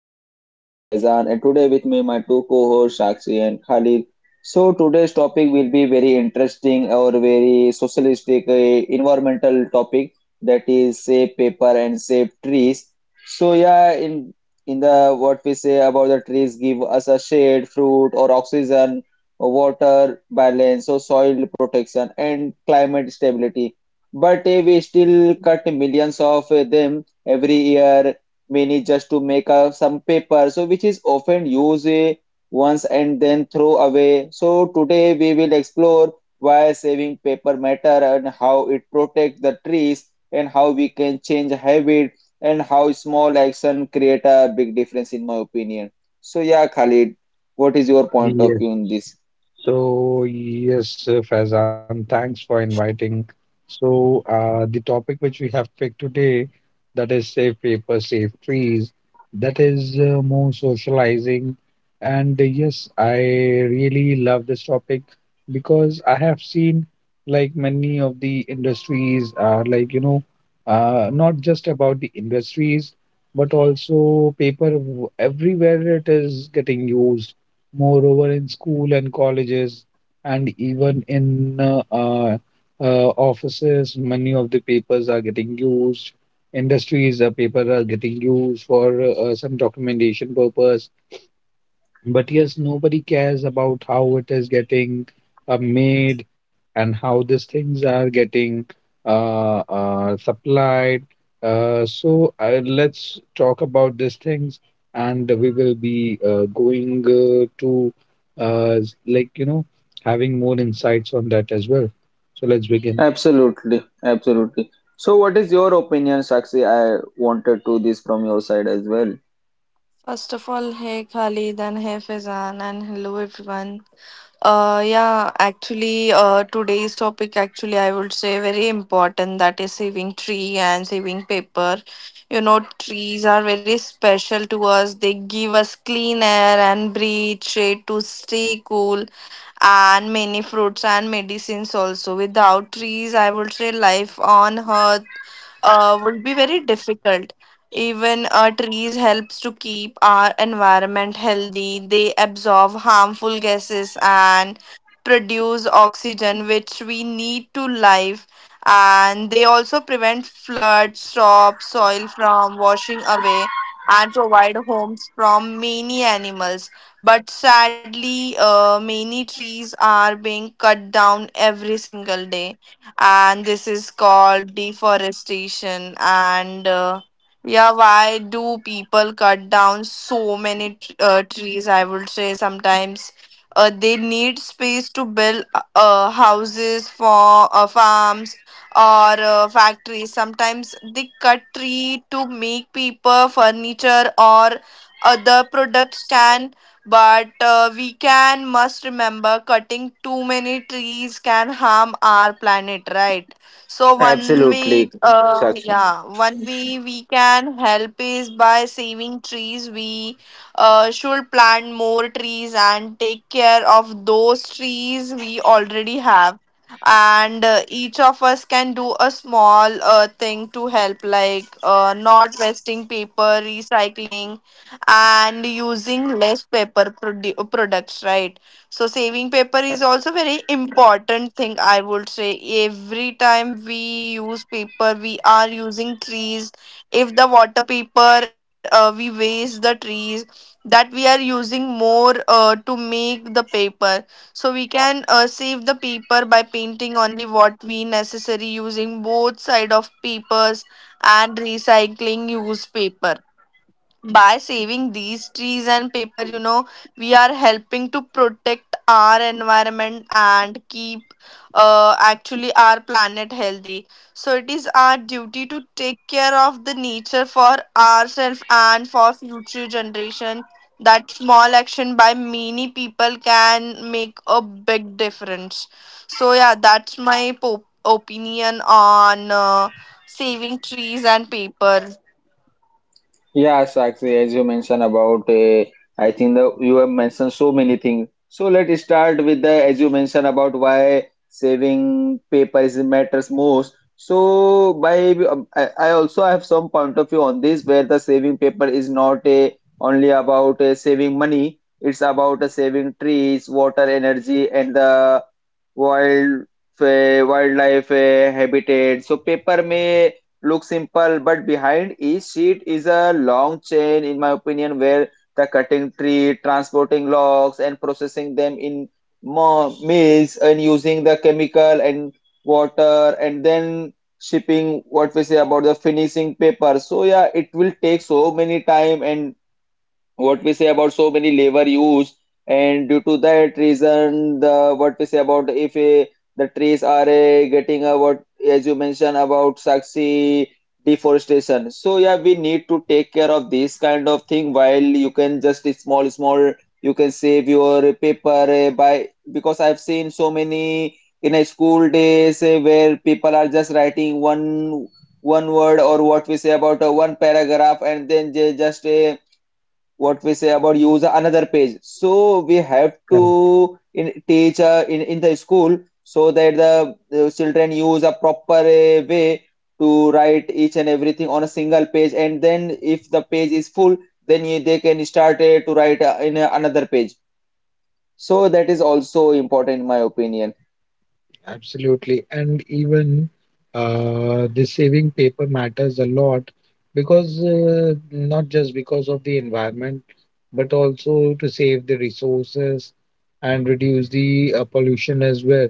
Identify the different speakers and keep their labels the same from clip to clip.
Speaker 1: I'm your host Faizan, and today with me my two co-hosts Sakshi and Khalid. So today's topic will be very interesting or very socialistic environmental topic that is save paper and save trees. So yeah, in the what we say about the trees give us a shade, fruit or oxygen, water balance, so soil protection and climate stability. But we still cut millions of them every year, many just to make up some paper, so which is often used once and then throw away. So today we will explore why saving paper matter, and how it protects the trees, and how we can change habit, and how small action create a big difference, in my opinion. So yeah, Khalid, what is your point of view
Speaker 2: Yes.
Speaker 1: on this?
Speaker 2: So, yes, Faizan, thanks for inviting. So, the topic which we have picked today, that is safe paper, safe trees, that is more socializing. And yes, I really love this topic because I have seen like many of the industries are like, not just about the industries, but also paper everywhere it is getting used. Moreover, in school and colleges, and even in offices, many of the papers are getting used. Industries, paper are getting used for some documentation purpose. But yes, nobody cares about how it is getting made and how these things are getting supplied. So let's talk about these things, and we will be going to uh, s- like you know having more insights on that as well. So let's begin.
Speaker 1: Absolutely, absolutely. So what is your opinion, Sakshi? I wanted to this from your side as well.
Speaker 3: First of all, hey Khalid and hey Faizan and hello everyone. Yeah, actually, today's topic actually I would say very important, that is saving tree and saving paper. You know, trees are very special to us. They give us clean air and breathe, shade to stay cool and many fruits and medicines also. Without trees, I would say life on earth would be very difficult. Even trees helps to keep our environment healthy. They absorb harmful gases and produce oxygen, which we need to live. And they also prevent floods, stop soil from washing away, and provide homes from many animals. But sadly, many trees are being cut down every single day, and this is called deforestation. And uh, yeah why do people cut down so many trees? I would say sometimes they need space to build houses, for farms or factories. Sometimes they cut tree to make paper, furniture or other products can. But we can must remember cutting too many trees can harm our planet, right? So one way,
Speaker 1: Absolutely, Sakshi.
Speaker 3: one way we can help is by saving trees. We should plant more trees and take care of those trees we already have. And each of us can do a small thing to help, like not wasting paper, recycling and using less paper products, right? So saving paper is also very important thing, I would say. Every time we use paper, we are using trees. If the water paper, we waste the trees that we are using more to make the paper. So we can save the paper by painting only what we necessary, using both side of papers and recycling used paper. By saving these trees and paper, you know, we are helping to protect our environment and keep actually our planet healthy. So it is our duty to take care of the nature for ourselves and for future generation. That small action by many people can make a big difference. So yeah, that's my opinion on saving trees and paper.
Speaker 1: Yeah, Sakshi, as you mentioned about, I think that you have mentioned so many things. So let's start with the, as you mentioned about why saving paper is matters most. So by, I also have some point of view on this, where the saving paper is not a, only about saving money. It's about saving trees, water, energy, and the wild wildlife habitat. So paper may. Look simple, but behind each sheet is a long chain, in my opinion, where the cutting tree, transporting logs, and processing them in mills, and using the chemical and water, and then shipping what we say about the finishing paper. So yeah, it will take so many time and what we say about so many labor used, and due to that reason the what we say about if the trees are getting a what, as you mentioned about, Saxi, deforestation. So yeah, we need to take care of this kind of thing. While you can just small small, you can save your paper by, because I've seen so many in a school days where people are just writing one word, or what we say about a one paragraph, and then they just what we say about use another page. So we have to in, teach in the school, so that the children use a proper way to write each and everything on a single page, and then if the page is full, then you, they can start to write in another page. So that is also important in my opinion.
Speaker 2: Absolutely. And even the saving paper matters a lot because not just because of the environment, but also to save the resources and reduce the pollution as well.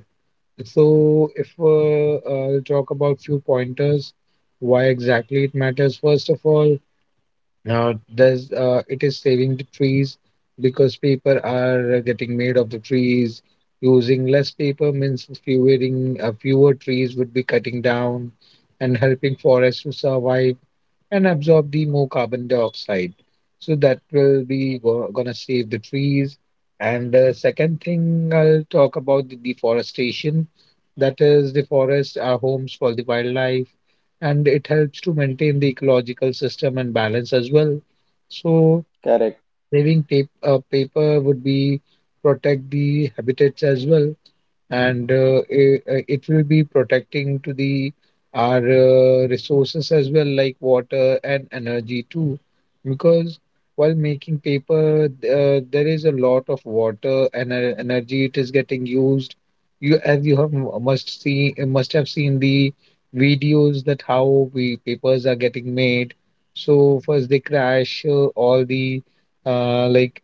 Speaker 2: So, if I'll talk about few pointers, why exactly it matters, first of all, now, does it is saving the trees because people are getting made of the trees. Using less paper means fewer trees would be cutting down and helping forests to survive and absorb the more carbon dioxide. So that will be gonna save the trees. And the second thing I'll talk about the deforestation. That is, the forests are homes for the wildlife, and it helps to maintain the ecological system and balance as well. So
Speaker 1: Correct.
Speaker 2: saving paper would be protect the habitats as well and it will be protecting to the our resources as well, like water and energy too, because while making paper there is a lot of water and energy it is getting used. You as you have must have seen the videos that how we papers are getting made. So first they crash all the uh, like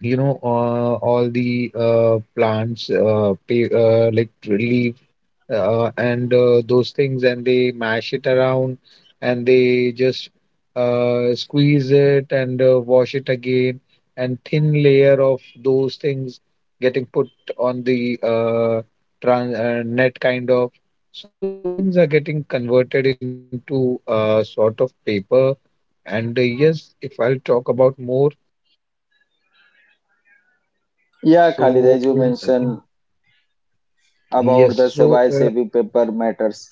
Speaker 2: all the like leaf and those things, and they mash it around and they just squeeze it and wash it again, and thin layer of those things getting put on the tran net kind of. So those things are getting converted into sort of paper. And yes, if I'll talk about more,
Speaker 1: Yeah, Khalid,
Speaker 2: so
Speaker 1: as you
Speaker 2: in.
Speaker 1: mentioned
Speaker 2: Yes,
Speaker 1: about the
Speaker 2: so
Speaker 1: survival saving paper matters.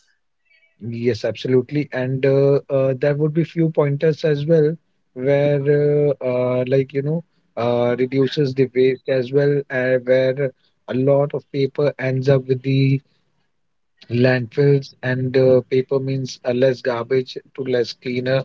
Speaker 2: yes, absolutely, and there would be few pointers as well where reduces the waste as well, where a lot of paper ends up with the landfills, and paper means less garbage to less cleaner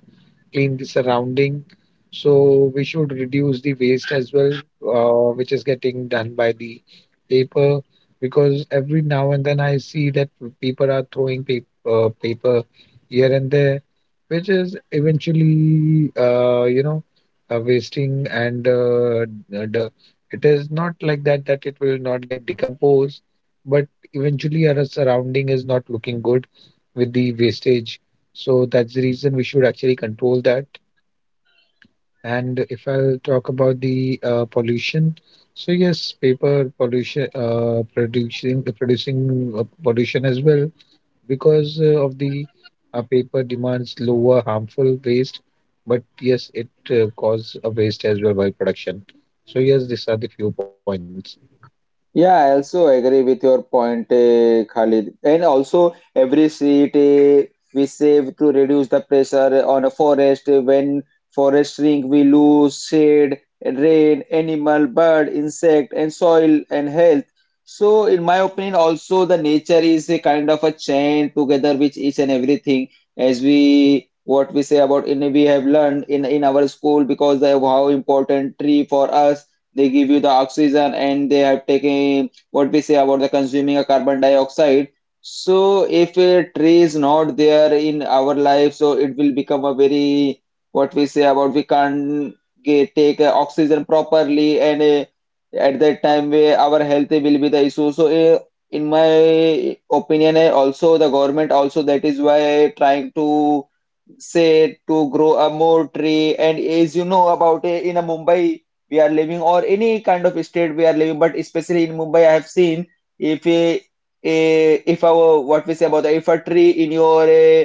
Speaker 2: clean the surrounding. So we should reduce the waste as well, which is getting done by the paper. Because every now and then I see that people are throwing paper here and there, which is eventually, you know, wasting and d- d- it is not like that that it will not get decomposed, but eventually our surrounding is not looking good with the wastage. So that's the reason we should actually control that. And if I'll talk about the pollution, so yes, paper pollution, producing pollution as well because of the paper demands lower harmful waste, but yes, it cause a waste as well by production. So yes, these are the few points.
Speaker 1: Yeah, I also agree with your point, Khalid. And also, every seed we save to reduce the pressure on a forest. Eh, When forest shrink, we lose shade, rain, animal, bird, insect, and soil and health. So, in my opinion, also the nature is a kind of a chain together with each and everything. As we what we say about in we have learned in our school, because of how important tree for us, they give you the oxygen, and they have taken what we say about the consuming a carbon dioxide. So if a tree is not there in our life, so it will become a very what we say about we can't get, take oxygen properly, and at that time where our health will be the issue. So in my opinion, also the government also that is why trying to say to grow a more tree. And as you know about, in a Mumbai we are living, or any kind of state we are living, but especially in Mumbai I have seen, if a, a, if our what we say about if a tree in your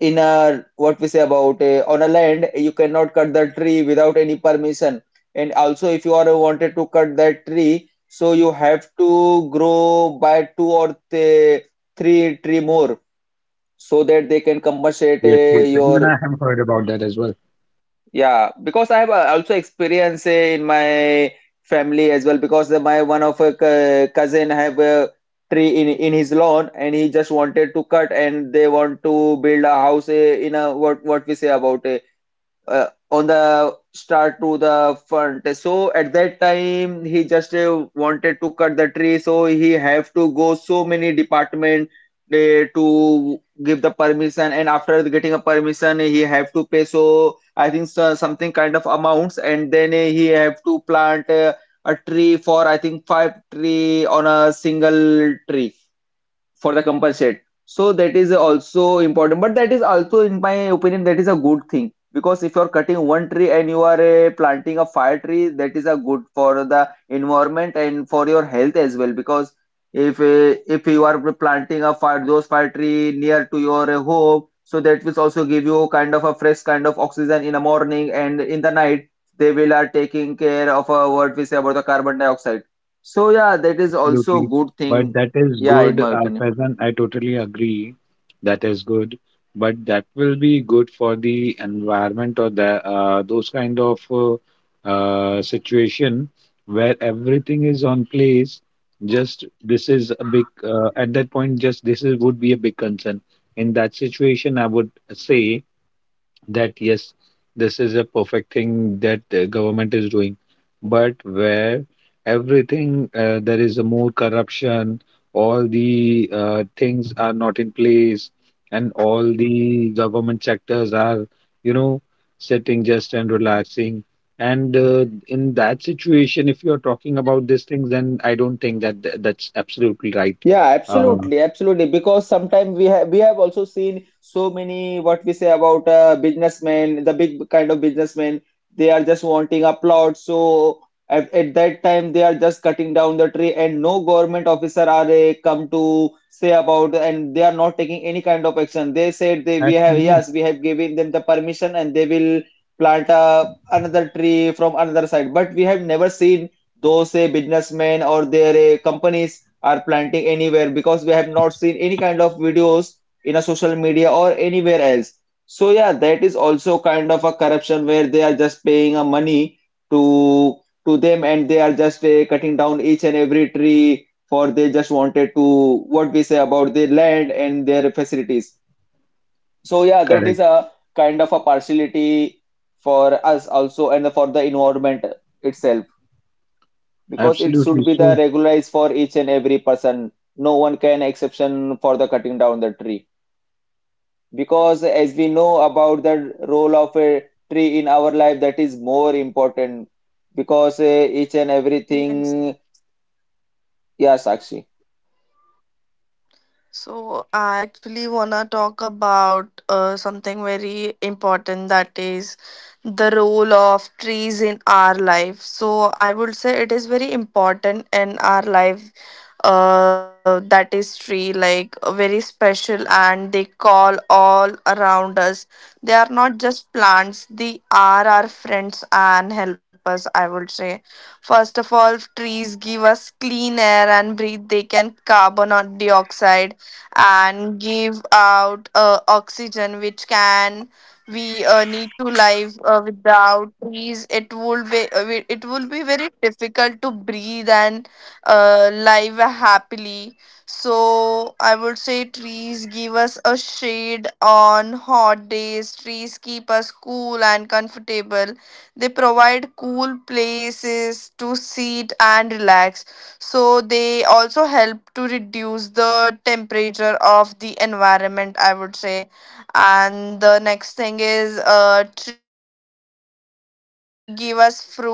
Speaker 1: in a what we say about on a land, you cannot cut the tree without any permission. And also if you are wanted to cut that tree, so you have to grow by two or three tree more, so that they can
Speaker 2: Yes,
Speaker 1: compensate
Speaker 2: yes. Even I
Speaker 1: your.
Speaker 2: have heard about that as well.
Speaker 1: Yeah, because I have also experience in my family as well, because my one of a cousin have a tree in his lawn, and he just wanted to cut, and they want to build a house in a what we say about on the start to the front. So at that time, he just wanted to cut the tree, so he have to go so many department to give the permission, and after getting a permission, he have to pay. So I think so, something kind of amounts, and then he have to plant a tree for I think five tree on a single tree for the compensate. So that is also important, but that is also in my opinion that is a good thing, because if you're cutting one tree and you are planting a fire tree, that is a good for the environment and for your health as well. Because if you are planting a fire those fire tree near to your home, so that will also give you kind of a fresh kind of oxygen in the morning, and in the night they will are taking care of what we say about the carbon dioxide. So yeah, that is also
Speaker 2: Absolutely.
Speaker 1: good
Speaker 2: But
Speaker 1: thing.
Speaker 2: that is
Speaker 1: Yeah,
Speaker 2: good,
Speaker 1: in my opinion.
Speaker 2: Faizan. I totally agree. That is good. But that will be good for the environment or the those kind of situation where everything is on place. Just this is a big at that point. Just this is would be a big concern. In that situation, I would say that yes, this is a perfect thing that the government is doing. But where everything there is a more corruption, all the things are not in place, and all the government sectors are, you know, sitting just and relaxing. And in that situation, if you are talking about these things, then I don't think that that's absolutely right.
Speaker 1: Yeah,
Speaker 2: Uh,
Speaker 1: absolutely, absolutely. Because sometimes we have also seen so many what we say about businessmen, the big kind of businessmen. They are just wanting upload. So at that time, they are just cutting down the tree, and no government officer are come to say about, and they are not taking any kind of action. They said they we have
Speaker 2: absolutely
Speaker 1: yes, we have given them the permission, and they will plant another tree from another side. But we have never seen those businessmen or their companies are planting anywhere, because we have not seen any kind of videos in a social media or anywhere else. So yeah, that is also kind of a corruption, where they are just paying a money to to them, and they are just cutting down each and every tree for they just wanted to what we say about their land and their facilities. So yeah, that is
Speaker 2: correct.
Speaker 1: a kind of a partiality for us also and for the environment itself, because it should
Speaker 2: Absolutely
Speaker 1: be the
Speaker 2: so.
Speaker 1: regularized for each and every person. No one can exception for the cutting down the tree, because as we know about the role of a tree in our life, that is more important, because each and
Speaker 3: Yes.
Speaker 1: everything. Yeah, Sakshi.
Speaker 3: So I actually wanna talk about something very important, that is the role of trees in our life. So I would say it is very important in our life. That is tree, like very special and they call all around us. They are not just plants. They are our friends and help us, I would say. First of all, trees give us clean air and breathe. They can carbon or dioxide and give out oxygen which can we need to live. Without trees it would be it will be very difficult to breathe and live happily. So I would say trees give us a shade on hot days. Trees keep us cool and comfortable. They provide cool places to sit and relax. So they also help to reduce the temperature of the environment, I would say. And the next thing is, tree give us fruit, flowers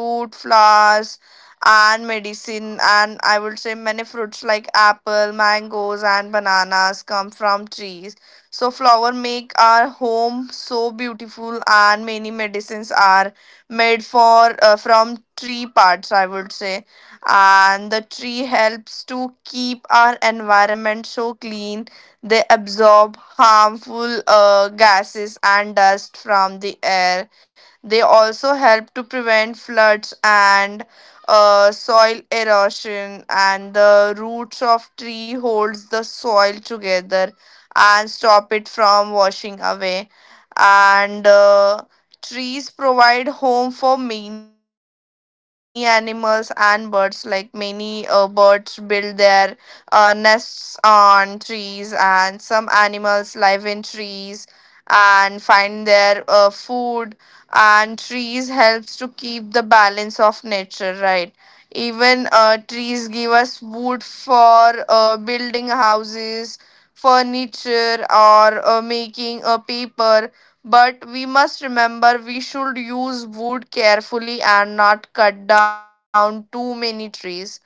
Speaker 3: and medicine. And I would say many fruits like apple, mangoes and bananas come from trees. So flower make our home so beautiful, and many medicines are made for from tree parts, I would say. And the tree helps to keep our environment so clean. They absorb harmful gases and dust from the air. They also help to prevent floods and soil erosion, and the roots of tree holds the soil together and stop it from washing away. And trees provide home for many animals and birds, like many birds build their nests on trees, and some animals live in trees and find their food. And trees helps to keep the balance of nature, right? Even trees give us wood for building houses, furniture or making a paper. But we must remember we should use wood carefully and not cut down too many trees.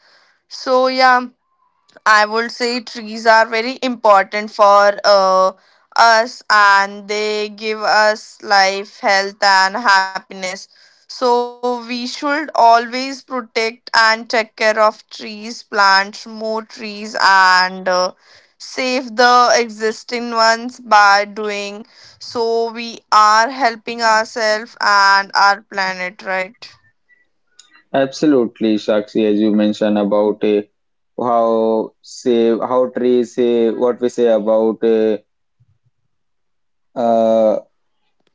Speaker 3: So yeah, I would say trees are very important for us, and they give us life, health, and happiness. So we should always protect and take care of trees, plant more trees, and save the existing ones. By doing so, we are helping ourselves and our planet, right?
Speaker 1: Absolutely, Sakshi, as you mentioned about, how say, how trees say what we say about uh,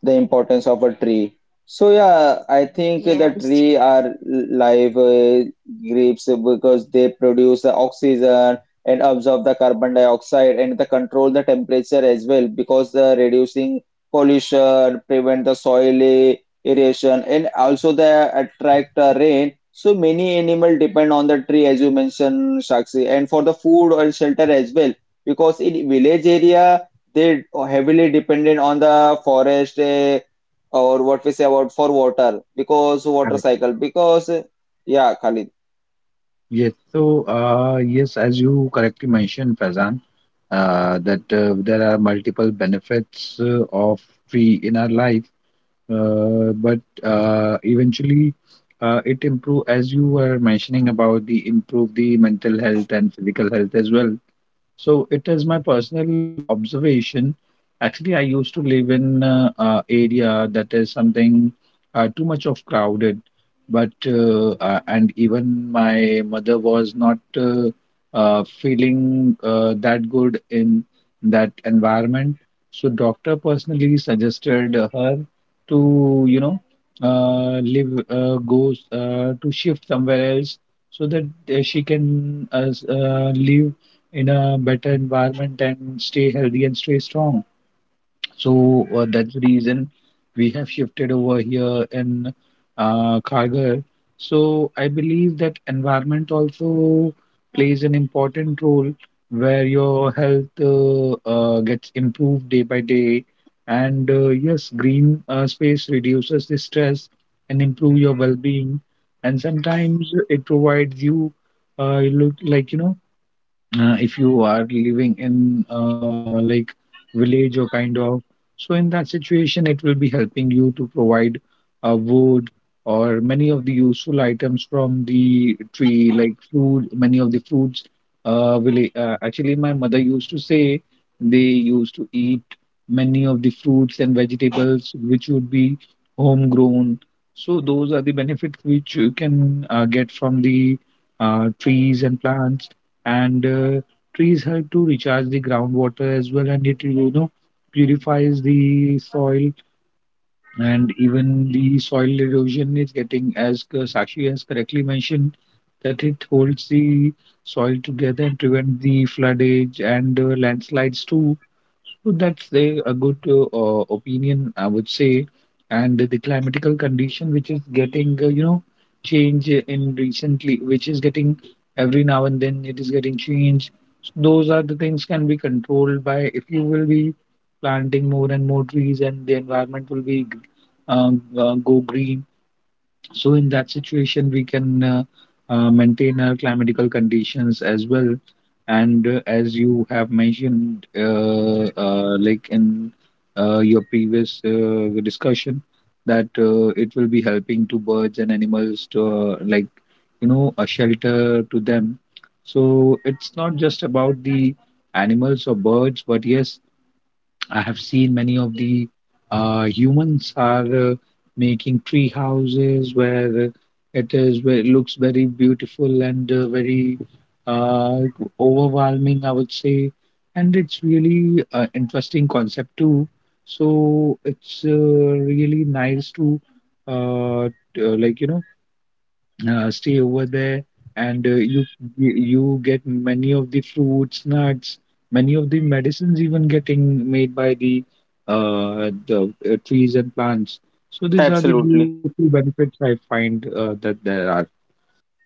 Speaker 1: the importance of a tree. So yeah, I think the tree
Speaker 3: Yes.
Speaker 1: are live grapes, because they produce the oxygen and absorb the carbon dioxide, and they control the temperature as well, because the reducing pollution, prevent the soil erosion, and also they attract rain. So many animal depend on the tree, as you mentioned, Shakshi, and for the food and shelter as well, because in village area they heavily dependent on the forest or what we say about for water, because water
Speaker 2: Correct.
Speaker 1: cycle because. Yeah, Khalid.
Speaker 2: Yes. So, yes, as you correctly mentioned, Faizan, that there are multiple benefits of tree in our life, but eventually it improve as you were mentioning about the improve the mental health and physical health as well. So it is my personal observation. Actually, I used to live in area that is something too much of crowded, but and even my mother was not feeling that good in that environment. So doctor personally suggested her to you know live go to shift somewhere else so that she can live in a better environment and stay healthy and stay strong. So that's the reason we have shifted over here in Kargar. So I believe that environment also plays an important role where your health gets improved day by day. And yes, green space reduces the stress and improve your well-being. And sometimes it provides you, you look like you know if you are living in like village or kind of, so in that situation it will be helping you to provide wood or many of the useful items from the tree like fruit, many of the fruits actually my mother used to say they used to eat many of the fruits and vegetables which would be homegrown. So those are the benefits which you can get from the trees and plants. And trees help to recharge the groundwater as well, and it, you know, purifies the soil. And even the soil erosion is getting, as Sakshi has correctly mentioned, that it holds the soil together and prevent the floodage and landslides too. So that's the, a good opinion, I would say. And the climatical condition, which is getting, you know, change in recently, which is getting every now and then it is getting changed. So those are the things can be controlled by if you will be planting more and more trees and the environment will be go green. So in that situation, we can maintain our climatical conditions as well. And as you have mentioned, like in your previous discussion, that it will be helping to birds and animals to uh, like a shelter to them. So it's not just about the animals or birds, but yes, I have seen many of the humans are uh, making tree houses where it is where it looks very beautiful and very uh, overwhelming, I would say, and it's really interesting concept too. So it's really nice to uh, t- uh, like you know stay over there and you get many of the fruits, nuts, many of the medicines even getting made by the trees and plants. So these are the
Speaker 1: Absolutely.
Speaker 2: beautiful benefits I find that there are.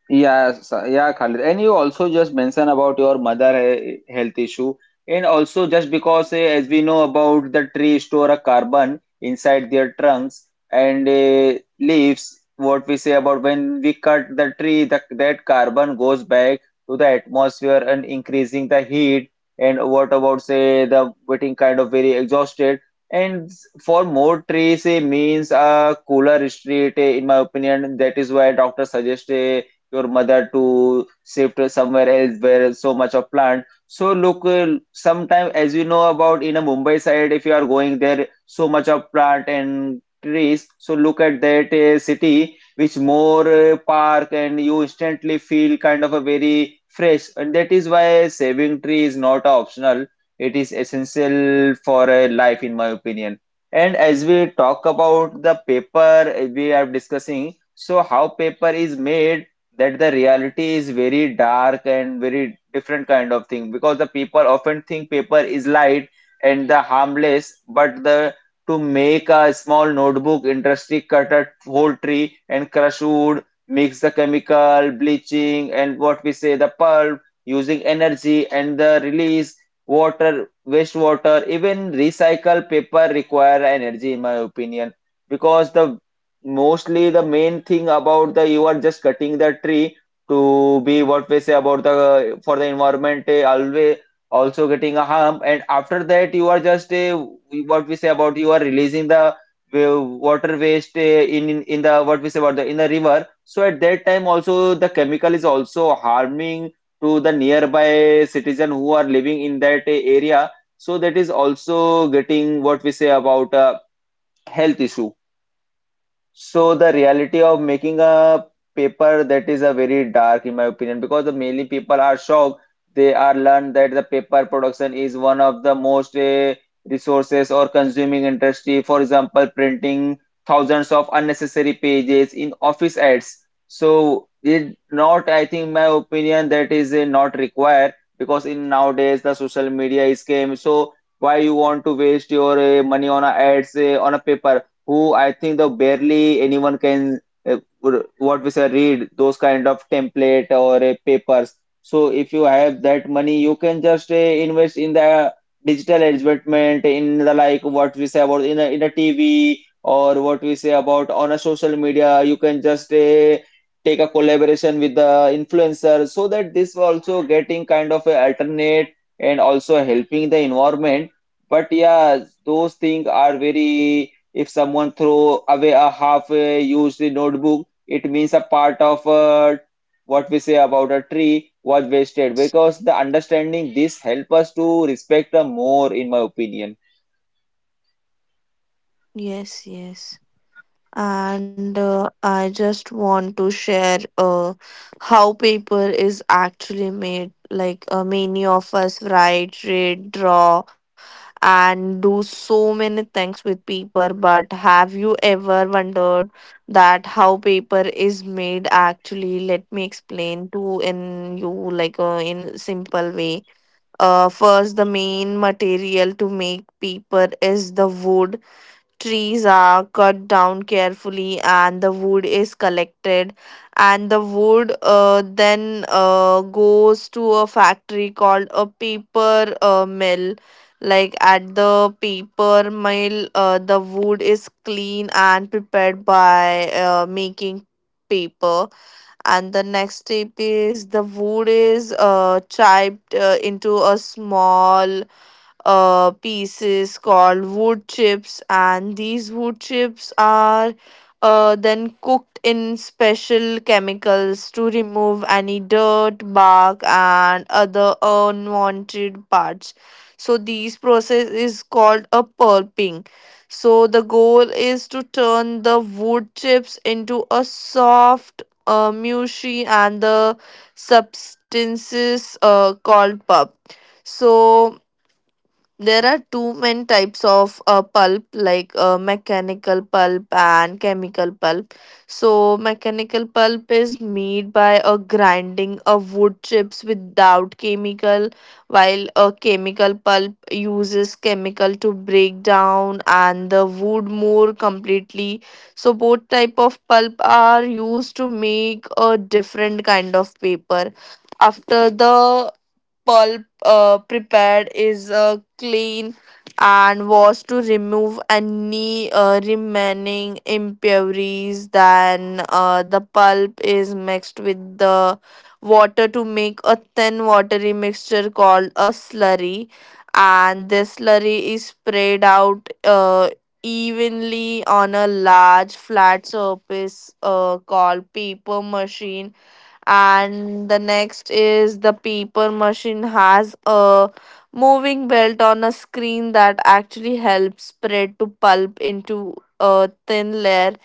Speaker 1: Yes, yeah, Khalid. And you also just mentioned about your mother health issue, and also just because, as we know about the tree store a carbon inside their trunks and leaves, what we say about when we cut the tree, the, that carbon goes back to the atmosphere and increasing the heat. And what about say the getting kind of very exhausted. And for more trees, it means a cooler street, in my opinion. That is why doctor suggested your mother to shift somewhere else where so much of plant. So look, sometime as you know about in a Mumbai side, if you are going there, so much of plant and trees. So look at that city, which more park, and you instantly feel kind of a very fresh. And that is why saving tree is not optional. It is essential for a life, in my opinion. And as we talk about the paper, we are discussing, so how paper is made, that the reality is very dark and very different kind of thing because the people often think paper is light and the harmless. But the to make a small notebook, industry cut a whole tree and crush wood, mix the chemical bleaching and what we say the pulp using energy and the release water, wastewater. Even recycle paper require energy, in my opinion, because the mostly the main thing about the you are just cutting the tree to be what we say about the for the environment, always also getting a harm. And after that you are just what we say about you are releasing the water waste in in the what we say about the in the river. So at that time also the chemical is also harming to the nearby citizen who are living in that area. So that is also getting what we say about health issue. So the reality of making a paper, that is a very dark, in my opinion, because the mainly people are shocked. They are learned that the paper production is one of the most resources or consuming industry. For example, printing thousands of unnecessary pages in office ads. So it not, I think, my opinion that is not required because in nowadays the social media is came. So why you want to waste your money on a ads on a paper? Who I think though barely anyone can uh, what we say read those kind of template or papers. So if you have that money, you can just invest in the digital advertisement in the like what we say about in a TV or what we say about on a social media. You can just take a collaboration with the influencer so that this also getting kind of a alternate and also helping the environment. But yeah, those things are very if someone throw away a half used notebook, it means a part of what we say about a
Speaker 3: Yeah,
Speaker 1: tree was
Speaker 3: I
Speaker 1: wasted
Speaker 3: just
Speaker 1: because the understanding this help us to respect more, in my opinion.
Speaker 3: yes, yes. And I just want to share how paper is actually made. Like many of us write, read, draw and do so many things with paper, but have you ever wondered that how paper is made actually? Let me explain to in you like in simple way. First, the main material to make paper is the wood. Trees are cut down carefully and the wood is collected, and the wood then goes to a factory called a paper mill. Like at the paper mill, the wood is clean and prepared by making paper. And the next step is the wood is chipped into a small pieces called wood chips, and these wood chips are then cooked in special chemicals to remove any dirt, bark, and other unwanted parts. So these process is called a pulping. So the goal is to turn the wood chips into a soft, mushy and the substances called pulp. So there are two main types of pulp, like mechanical pulp and chemical pulp. So mechanical pulp is made by grinding of wood chips without chemical, while a chemical pulp uses chemical to break down and the wood more completely. So both type of pulp are used to make a different kind of paper. After the pulp prepared is cleaned and washed to remove any remaining impurities. Then the pulp is mixed with the water to make a thin watery mixture called a slurry. And this slurry is spread out evenly on a large flat surface called paper mache. And the next is, the paper machine has a moving belt on a screen that actually helps spread to pulp into a thin layer.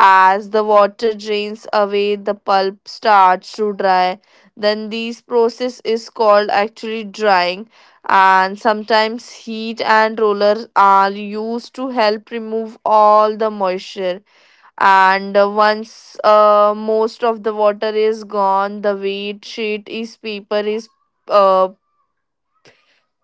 Speaker 3: As the water drains away, the pulp starts to dry. Then this process is called actually drying, and sometimes heat and rollers are used to help remove all the moisture. And once most of the water is gone, the wheat sheet is paper is uh,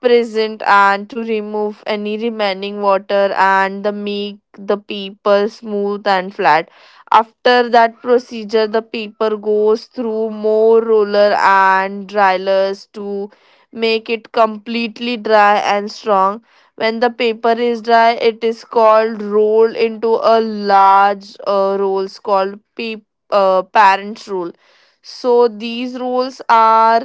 Speaker 3: present, and to remove any remaining water and the make the paper smooth and flat. After that procedure, the paper goes through more roller and dryers to make it completely dry and strong. When the paper is dry, it is called rolled into a large rolls called parent roll. So these rolls are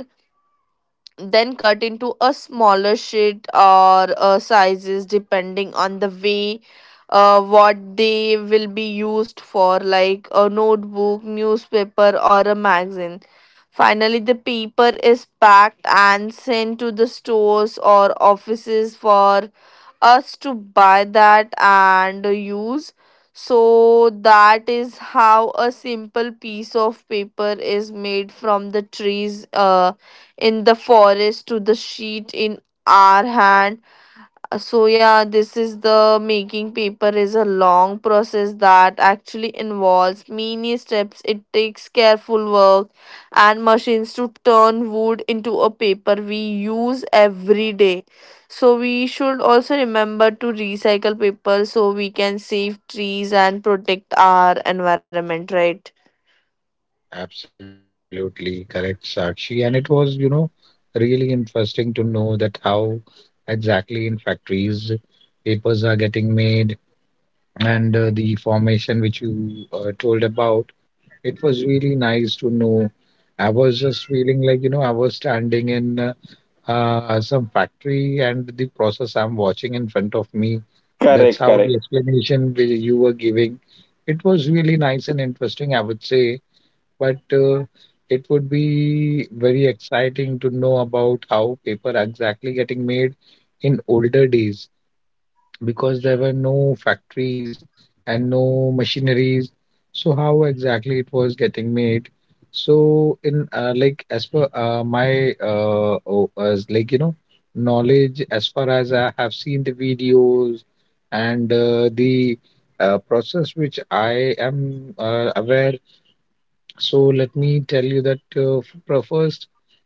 Speaker 3: then cut into a smaller sheet or sizes, depending on the way what they will be used for, like a notebook, newspaper or a magazine. Finally, the paper is packed and sent to the stores or offices for us to buy that and use. So that is how a simple piece of paper is made, from the trees in the forest to the sheet in our hand. So yeah, this is, the making paper is a long process that actually involves many steps. It takes careful work and machines to turn wood into a paper we use every day. So we should also remember to recycle paper so we can save trees and protect our environment, right?
Speaker 2: Absolutely correct, Sakshi. And it was, you know, really interesting to know that how exactly in factories papers are getting made, and the formation which you told about. It was really nice to know. I was just feeling like, you know, I was standing in some factory and the process I'm watching in front of me. That's
Speaker 1: Correct,
Speaker 2: how the
Speaker 1: correct.
Speaker 2: explanation you were giving. It was really nice and interesting, I would say. But it would be very exciting to know about how paper exactly getting made in older days because there were no factories and no machineries. So how exactly it was getting made? So in like as per my oh, as like you know knowledge, as far as I have seen the videos and the process which I am aware. So let me tell you that first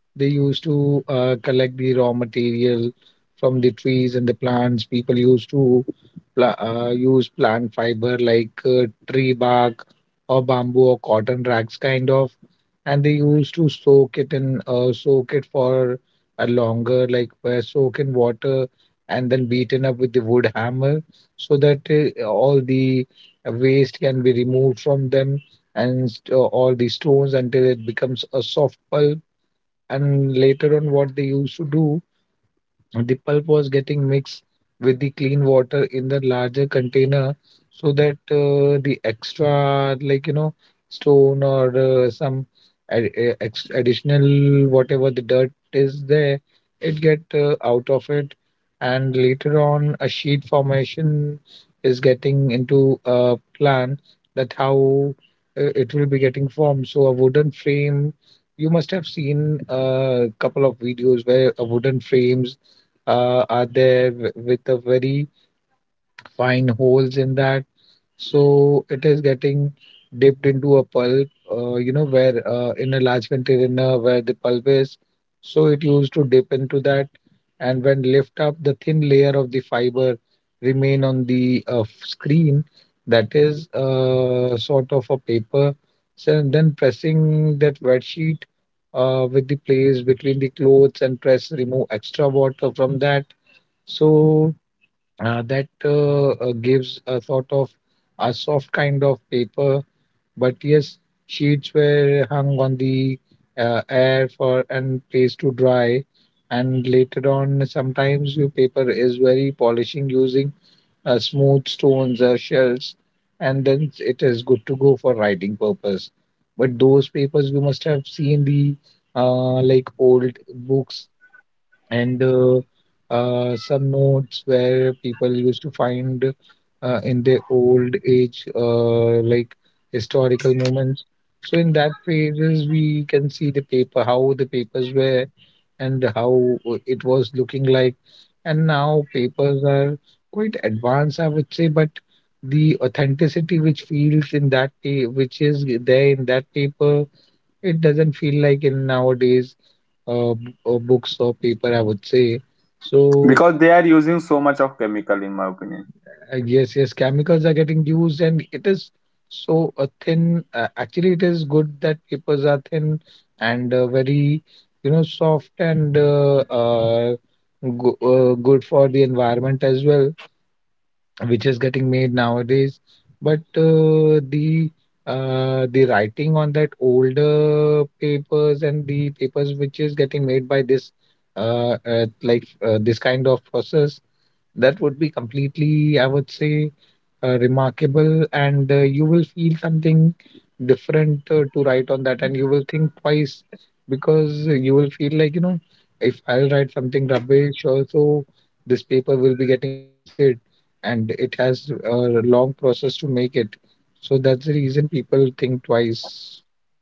Speaker 2: they used to collect the raw material from the trees and the plants. People used to pla use plant fiber like tree bark or bamboo or cotton rags kind of, and they used to soak it for a longer, like, soak in water and then beaten up with the wood hammer so that all the waste can be removed from them and all the stones until it becomes a soft pulp. And later on, what they used to do, the pulp was getting mixed with the clean water in the larger container so that the extra, like, you know, stone or some additional, whatever the dirt is there, it get out of it. And later on, a sheet formation is getting into a plan that how it will be getting formed. So a wooden frame, you must have seen a couple of videos where a wooden frames are there with a very fine holes in that. So it is getting dipped into a pulp, where in a large container where the pulp is. So it used to dip into that, and when lift up, the thin layer of the fiber remain on the screen. That is sort of a paper. So then pressing that wet sheet with the place between the clothes and press remove extra water from that, so that gives a sort of a soft kind of paper. But yes, sheets were hung on the air for and placed to dry. And later on, sometimes your paper is very polishing using smooth stones or shells, and then it is good to go for writing purpose. But those papers, you must have seen the like old books and some notes where people used to find in their old age, like historical moments. So in that phases, we can see the paper, how the papers were, and how it was looking like. And now papers are quite advanced, I would say, but the authenticity which feels in that, which is there in that paper, it doesn't feel like in nowadays books or paper, I would say. So,
Speaker 1: Because they are using so much of chemical, in my opinion.
Speaker 2: yes, yes, chemicals are getting used, and it is so thin. Actually, it is good that papers are thin and very, you know, soft and good for the environment as well, which is getting made nowadays. But the writing on that older papers and the papers which is getting made by this this kind of process, that would be completely, I would say, remarkable, and you will feel something different to write on that, and you will think twice because you will feel like, you know, if I'll write something rubbish also, this paper will be getting wasted, and it has a long process to make it. So that's the reason people think twice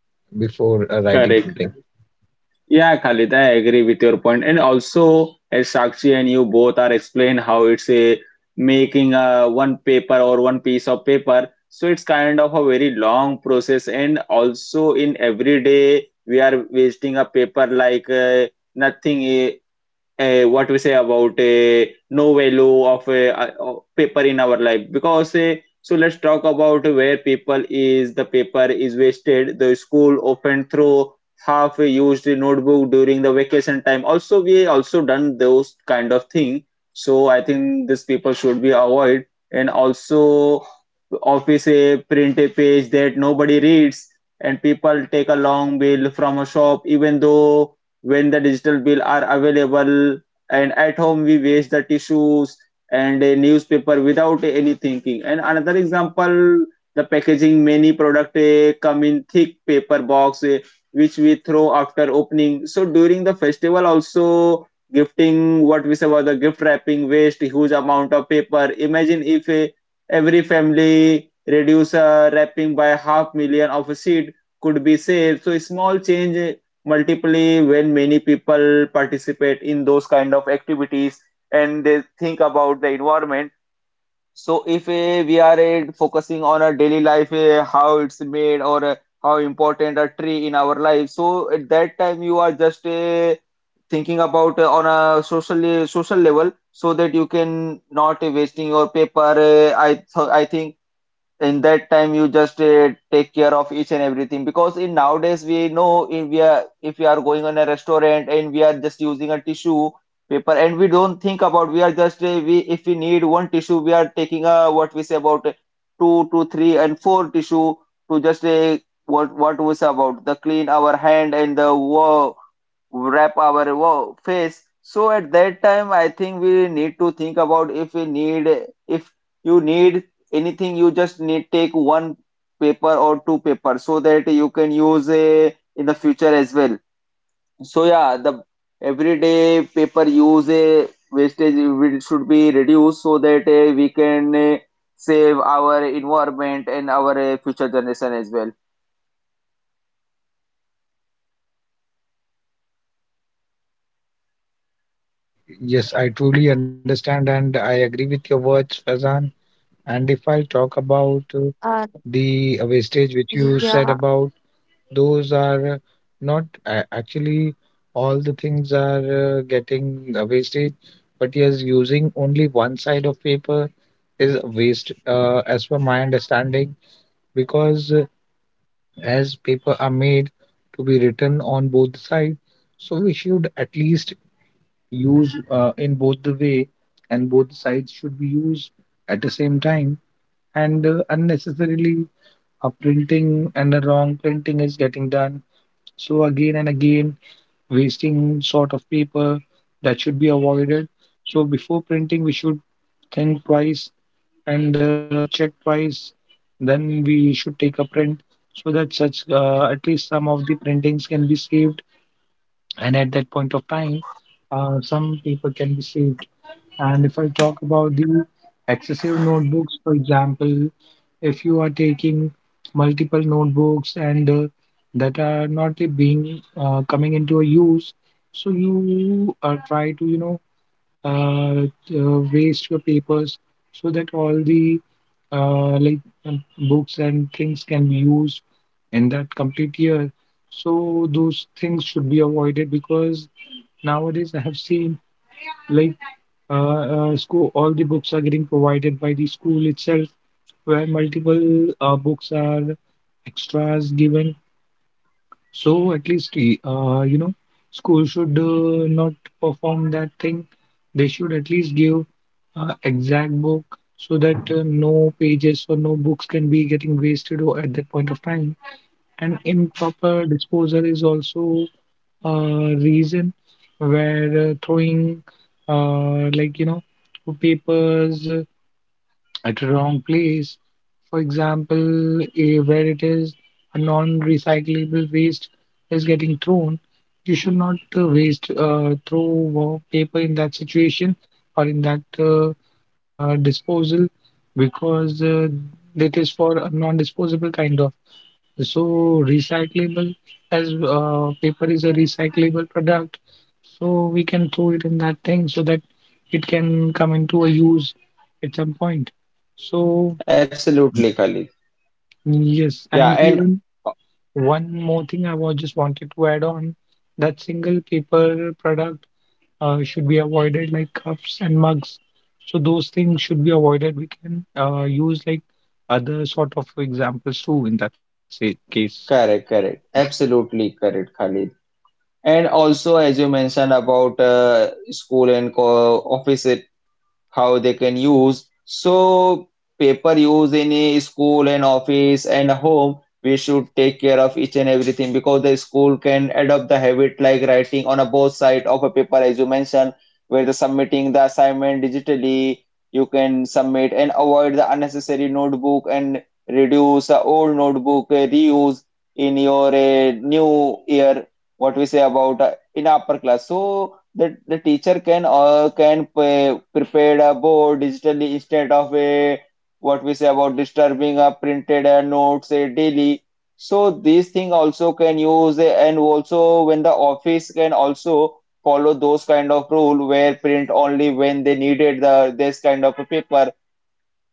Speaker 2: before writing something.
Speaker 1: Correct. Yeah, Khalid, I agree with your point. And also, as Sakshi and you both are explain how it's a making a one paper or one piece of paper. So it's kind of a very long process. And also, in every day, we are wasting a paper like nothing. What we say about no value of paper in our life because so let's talk about where people is the paper is wasted. The school often throw half used notebook during the vacation time, also we also done those kind of thing, so I think this people should be avoid. And also office a print a page that nobody reads, and people take a long bill from a shop even though when the digital bill are available, and at home we waste the tissues and a newspaper without any thinking. And another example, the packaging, many product come in thick paper box, which we throw after opening. So during the festival also, gifting, what we say about the gift wrapping, waste huge amount of paper. Imagine if every family reduce wrapping by half, million of a seed could be saved. So a small change multiply when many people participate in those kind of activities and they think about the environment. So if we are focusing on our daily life, how it's made or how important a tree in our life, so at that time you are just thinking about on a social level, so that you can not wasting your paper. I think in that time you just take care of each and everything, because in nowadays we know if we are going on a restaurant and we are just using a tissue paper and we don't think about. We are just we if we need one tissue, we are taking a what we say about two to three and four tissue to just what was about the clean our hand and the wa wrap our face. So at that time I think we need to think about if we need, if you need anything, you just need take one paper or two paper so that you can use a in the future as well. So yeah, the everyday paper use a wastage will should be reduced so that we can save our environment and our future generation as well.
Speaker 2: Yes, I truly understand, and I agree with your words, Fazan. And if I'll talk about uh,
Speaker 3: And
Speaker 2: the uh, wastage which you said
Speaker 3: yeah,
Speaker 2: about, those are not actually all the things are getting wasted, but yes, using only one side of paper is a waste, as per my understanding, because as paper are made to be written on both sides, so we should at least use in both the way, and both sides should be used at the same time, and unnecessarily a printing and a wrong printing is getting done. So again and again wasting sort of paper, that should be avoided. So before printing, we should think twice and check twice. Then we should take a print so that such at least some of the printings can be saved. And at that point of time, some paper can be saved. And if I talk about the excessive notebooks, for example, if you are taking multiple notebooks and that are not being coming into a use, so you try to, you know, uh, waste your papers so that all the uh, like um, books and things can be used in that complete year. So those things should be avoided because nowadays I have seen, like, uh, school, all the books are getting provided by the school itself, where multiple books are extras given. So at least you know, school should not perform that thing. They should at least give exact book so that no pages or no books can be getting wasted or at that point of time. And improper disposal is also a reason where throwing like, you know, papers at wrong place, for example, eh, where it is a non-recyclable waste is getting thrown, you should not waste throw paper in that situation or in that disposal because it is for a non-disposable kind of. So recyclable, as paper is a recyclable product, so we can throw it in that thing so that it can come into a use at some point. So
Speaker 1: Absolutely, Khalid.
Speaker 2: yes, and
Speaker 1: Yeah, and
Speaker 2: even one more thing I was just wanted to add on, that single paper product should be avoided, like cups and mugs. So those things should be avoided. We can use like other sort of examples too in that case.
Speaker 1: correct, correct. Absolutely correct, Khalid. And also, as you mentioned about school and co office, how they can use. So paper use in a school and office and home, we should take care of each and everything, because the school can adopt the habit like writing on a both side of a paper, as you mentioned, where the submitting the assignment digitally, you can submit and avoid the unnecessary notebook and reduce the old notebook reuse in your new year, what we say about in upper class. So the teacher can prepare a board digitally instead of a what we say about disturbing a printed notes daily. So these thing also can use, and also when the office can also follow those kind of rule where print only when they needed the this kind of a paper,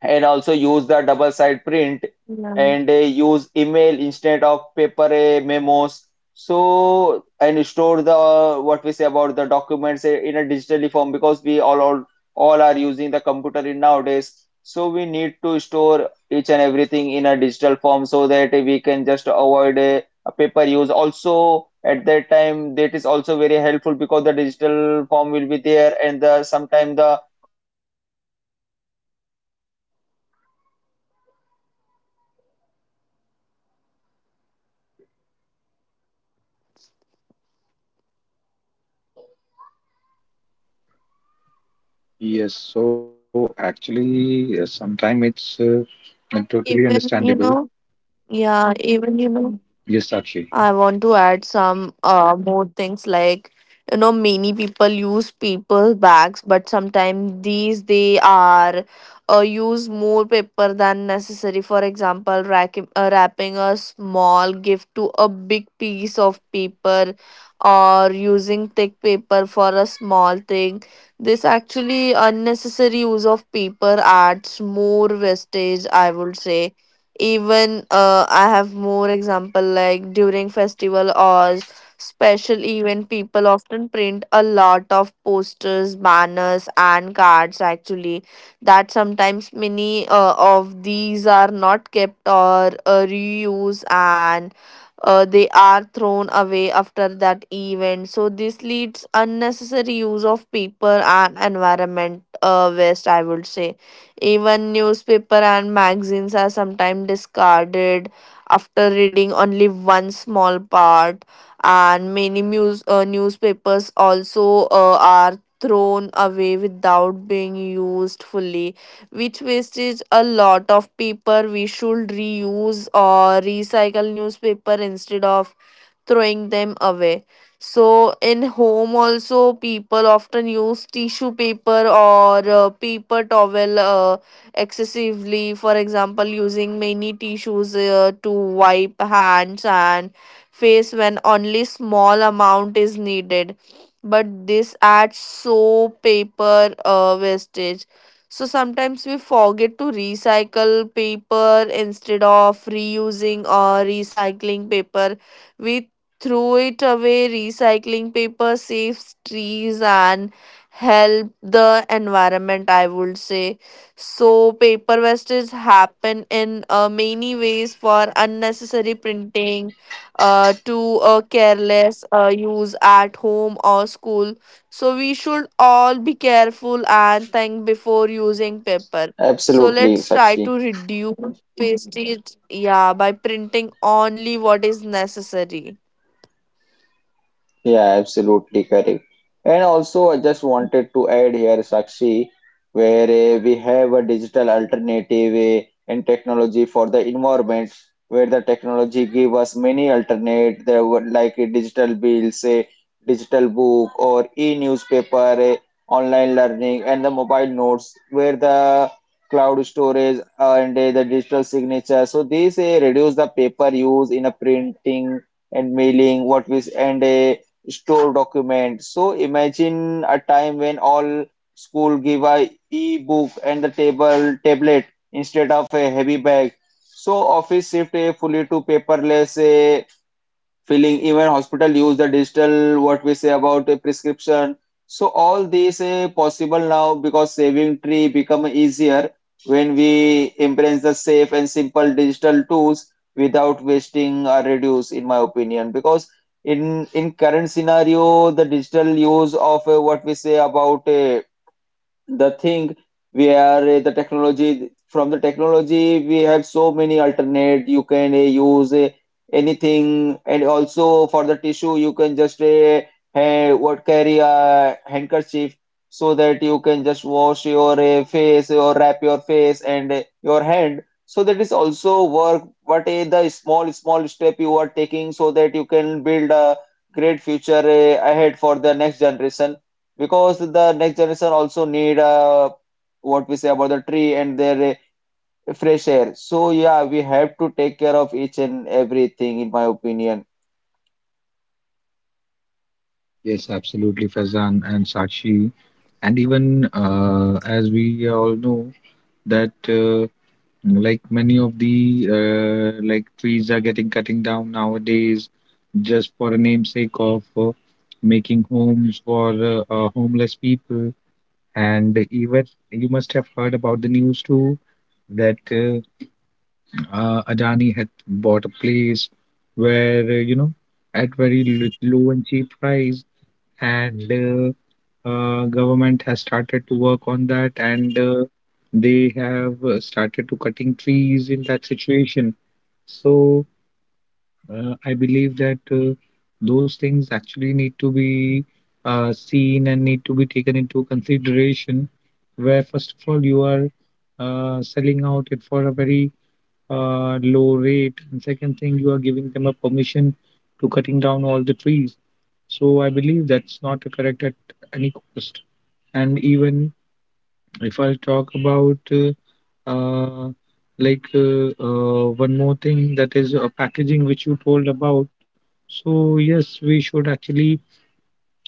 Speaker 1: and also use the double side print
Speaker 3: yeah,
Speaker 1: and use email instead of paper memos. So and store the what we say about the documents in a digitally form, because we all are using the computer in nowadays, so we need to store each and everything in a digital form so that we can just avoid a paper use also at that time. That is also very helpful because
Speaker 2: Yes, so actually, sometimes it's
Speaker 3: even you
Speaker 2: totally
Speaker 3: know.
Speaker 2: understandable.
Speaker 3: Yeah, even you know, I
Speaker 2: Yes,
Speaker 3: want to
Speaker 2: Sakshi.
Speaker 3: add some more things like you know many people use paper bags, but sometimes these they are use more paper than necessary. For example, rack, wrapping a small gift to a big piece of paper, or using thick paper for a small thing. This actually unnecessary use of paper adds more wastage, I would say. Even I have more example, like during festival or special event people often print a lot of posters, banners and cards actually, that sometimes many of these are not kept or reused, and they are thrown away after that event. So this leads unnecessary use of paper and environment waste, I would say. Even newspaper and magazines are sometimes discarded after reading only one small part, and many newspapers also are thrown away without being used fully, which wastes a lot of paper. We should reuse or recycle newspaper instead of throwing them away. So in home also people often use tissue paper or paper towel excessively. For example, using many tissues to wipe hands and face when only small amount is needed. But this adds so paper wastage. So sometimes we forget to recycle paper. Instead of reusing or recycling paper, we throw it away. Recycling paper saves trees and help the environment, I would say. So paper wastage happen in many ways, for unnecessary printing to a careless use at home or school. So we should all be careful and think before using paper. So
Speaker 1: absolutely,
Speaker 3: let's try to
Speaker 1: Sakshi.
Speaker 3: reduce wastage, yeah, by printing only what is necessary.
Speaker 1: Yeah, absolutely correct. And also, I just wanted to add here, Sakshi, where we have a digital alternative and technology for the environment, where the technology give us many alternate. There were like digital bills, digital book, or e-newspaper, online learning, and the mobile notes, where the cloud storage and the digital signature. So these reduce the paper use in a printing and mailing. What we and store documents. So imagine a time when all school give a e-book and the table tablet instead of a heavy bag. So office shift a fully to paperless a filling, even hospital use the digital what we say about a prescription. So all these possible now because saving tree become easier when we embrace the safe and simple digital tools without wasting or reduce, in my opinion, because in current scenario the digital use of what we say about a the thing where the technology from the technology we have so many alternate, you can use anything. And also for the tissue you can just what carry a handkerchief so that you can just wash your face or wrap your face and your hand. So that is also work what the small step you are taking so that you can build a great future ahead for the next generation, because the next generation also need what we say about the tree and their fresh air. So yeah, we have to take care of each and everything, in my opinion.
Speaker 2: Yes, absolutely, Fazan and Sakshi. And even as we all know, that, like, many of the like trees are getting cutting down nowadays just for a namesake of making homes for homeless people. And even you must have heard about the news too, that Adani had bought a place where you know, at very low and cheap price, and government has started to work on that, and they have started to cutting trees in that situation. So I believe that those things actually need to be seen and need to be taken into consideration, where first of all you are selling out it for a very low rate, and second thing you are giving them a permission to cutting down all the trees. So I believe that's not correct at any cost. And even if I'll talk about uh, one more thing, that is packaging, which you told about. So yes, we should actually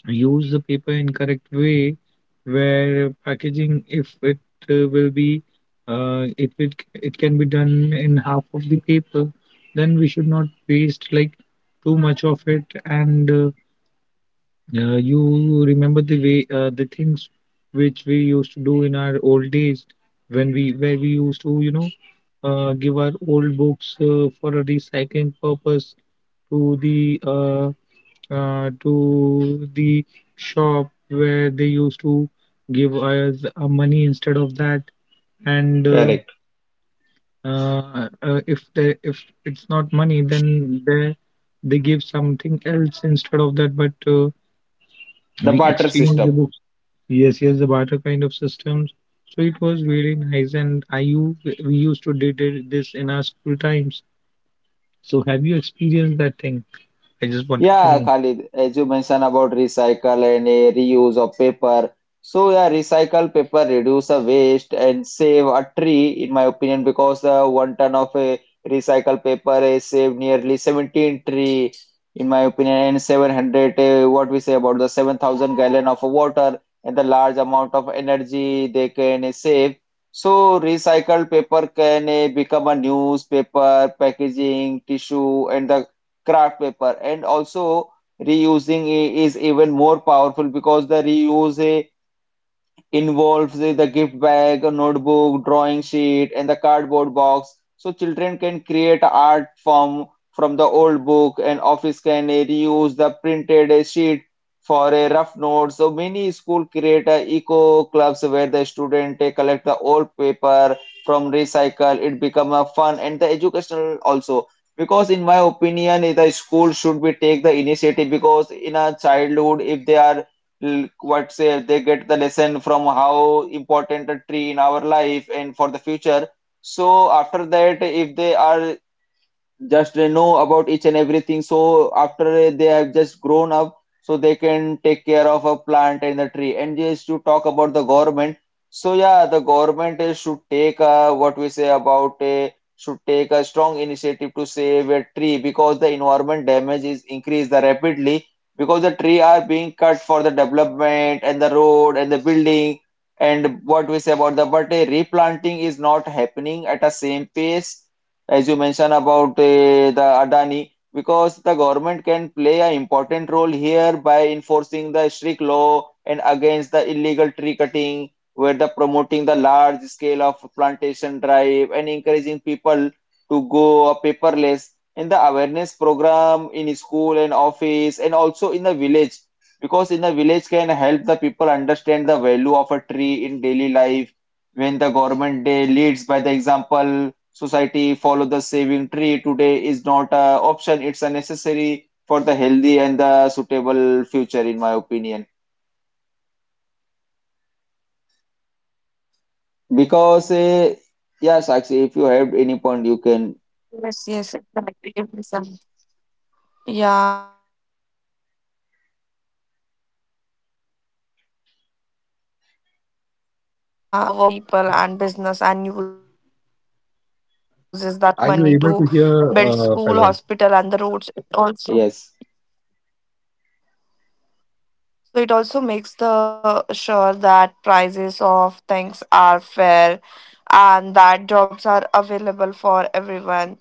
Speaker 2: use the paper in correct way, where packaging, if it will be if it it can be done in half of the paper, then we should not waste like too much of it. And you remember the way the things which we used to do in our old days, when we used to, you know, give our old books for a recycling purpose to the uh, to the shop, where they used to give us money instead of that. And
Speaker 1: Correct,
Speaker 2: if they, if it's not money, then they give something else instead of that. But
Speaker 1: the
Speaker 2: we
Speaker 1: barter
Speaker 2: exchange the
Speaker 1: system.
Speaker 2: books. Yes, yes, the barter kind of systems. So it was really nice, and Iu we used to did it- this in our school times. So have you experienced that thing? I just wanted to
Speaker 1: Yeah,
Speaker 2: know.
Speaker 1: Khalid, as you mentioned about recycle and a reuse of paper. So yeah, recycle paper reduce the waste and save a tree, in my opinion, because one ton of a recycled paper is saved nearly 17 tree, in my opinion, and 700, what we say about the 7,000 gallon of water and the large amount of energy they can save. So recycled paper can become a newspaper, packaging, tissue, and the craft paper. And also reusing is even more powerful because the reuse involves the gift bag, a notebook, drawing sheet, and the cardboard box. So children can create art form from the old book, and office can reuse the printed sheet for a rough note. So many school create a eco clubs where the student they collect the old paper from recycle. It become a fun and the educational also. Because in my opinion, the school should be take the initiative, because in a childhood, if they are what say they get the lesson from how important a tree in our life and for the future. So after that, if they are just they know about each and everything. So after they have just grown up, so they can take care of a plant and the tree. And just to talk about the government, so yeah, the government is, should take a, what we say about a should take a strong initiative to save a tree because the environment damage is increased rapidly because the tree are being cut for the development and the road and the building and what we say about the but a replanting is not happening at a same pace as you mentioned about the Adani, because the government can play an important role here by enforcing the strict law and against the illegal tree cutting, where the promoting the large scale of plantation drive and encouraging people to go paperless in the awareness program in school and office and also in the village because in the village can help the people understand the value of a tree in daily life when the government leads by the example society follow the saving tree today is not a option, it's a necessary for the healthy and the suitable future in my opinion because yes, actually if you have any point you
Speaker 3: Yes,
Speaker 1: can
Speaker 3: yes, exactly. Listen. Yeah, I would say the government manage the economy. It collect taxes from people and business and uses that money to
Speaker 2: I
Speaker 3: build school, hospital and the roads. It also,
Speaker 1: yes.
Speaker 3: so it also makes the sure that prices of things are fair and that jobs are available for everyone.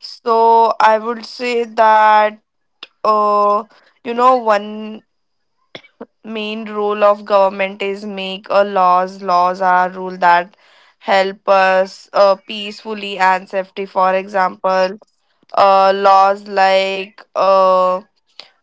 Speaker 3: So I would say that, uh you know, one main role of government is make a laws. Laws are rule that help us peacefully and safety. For example, laws like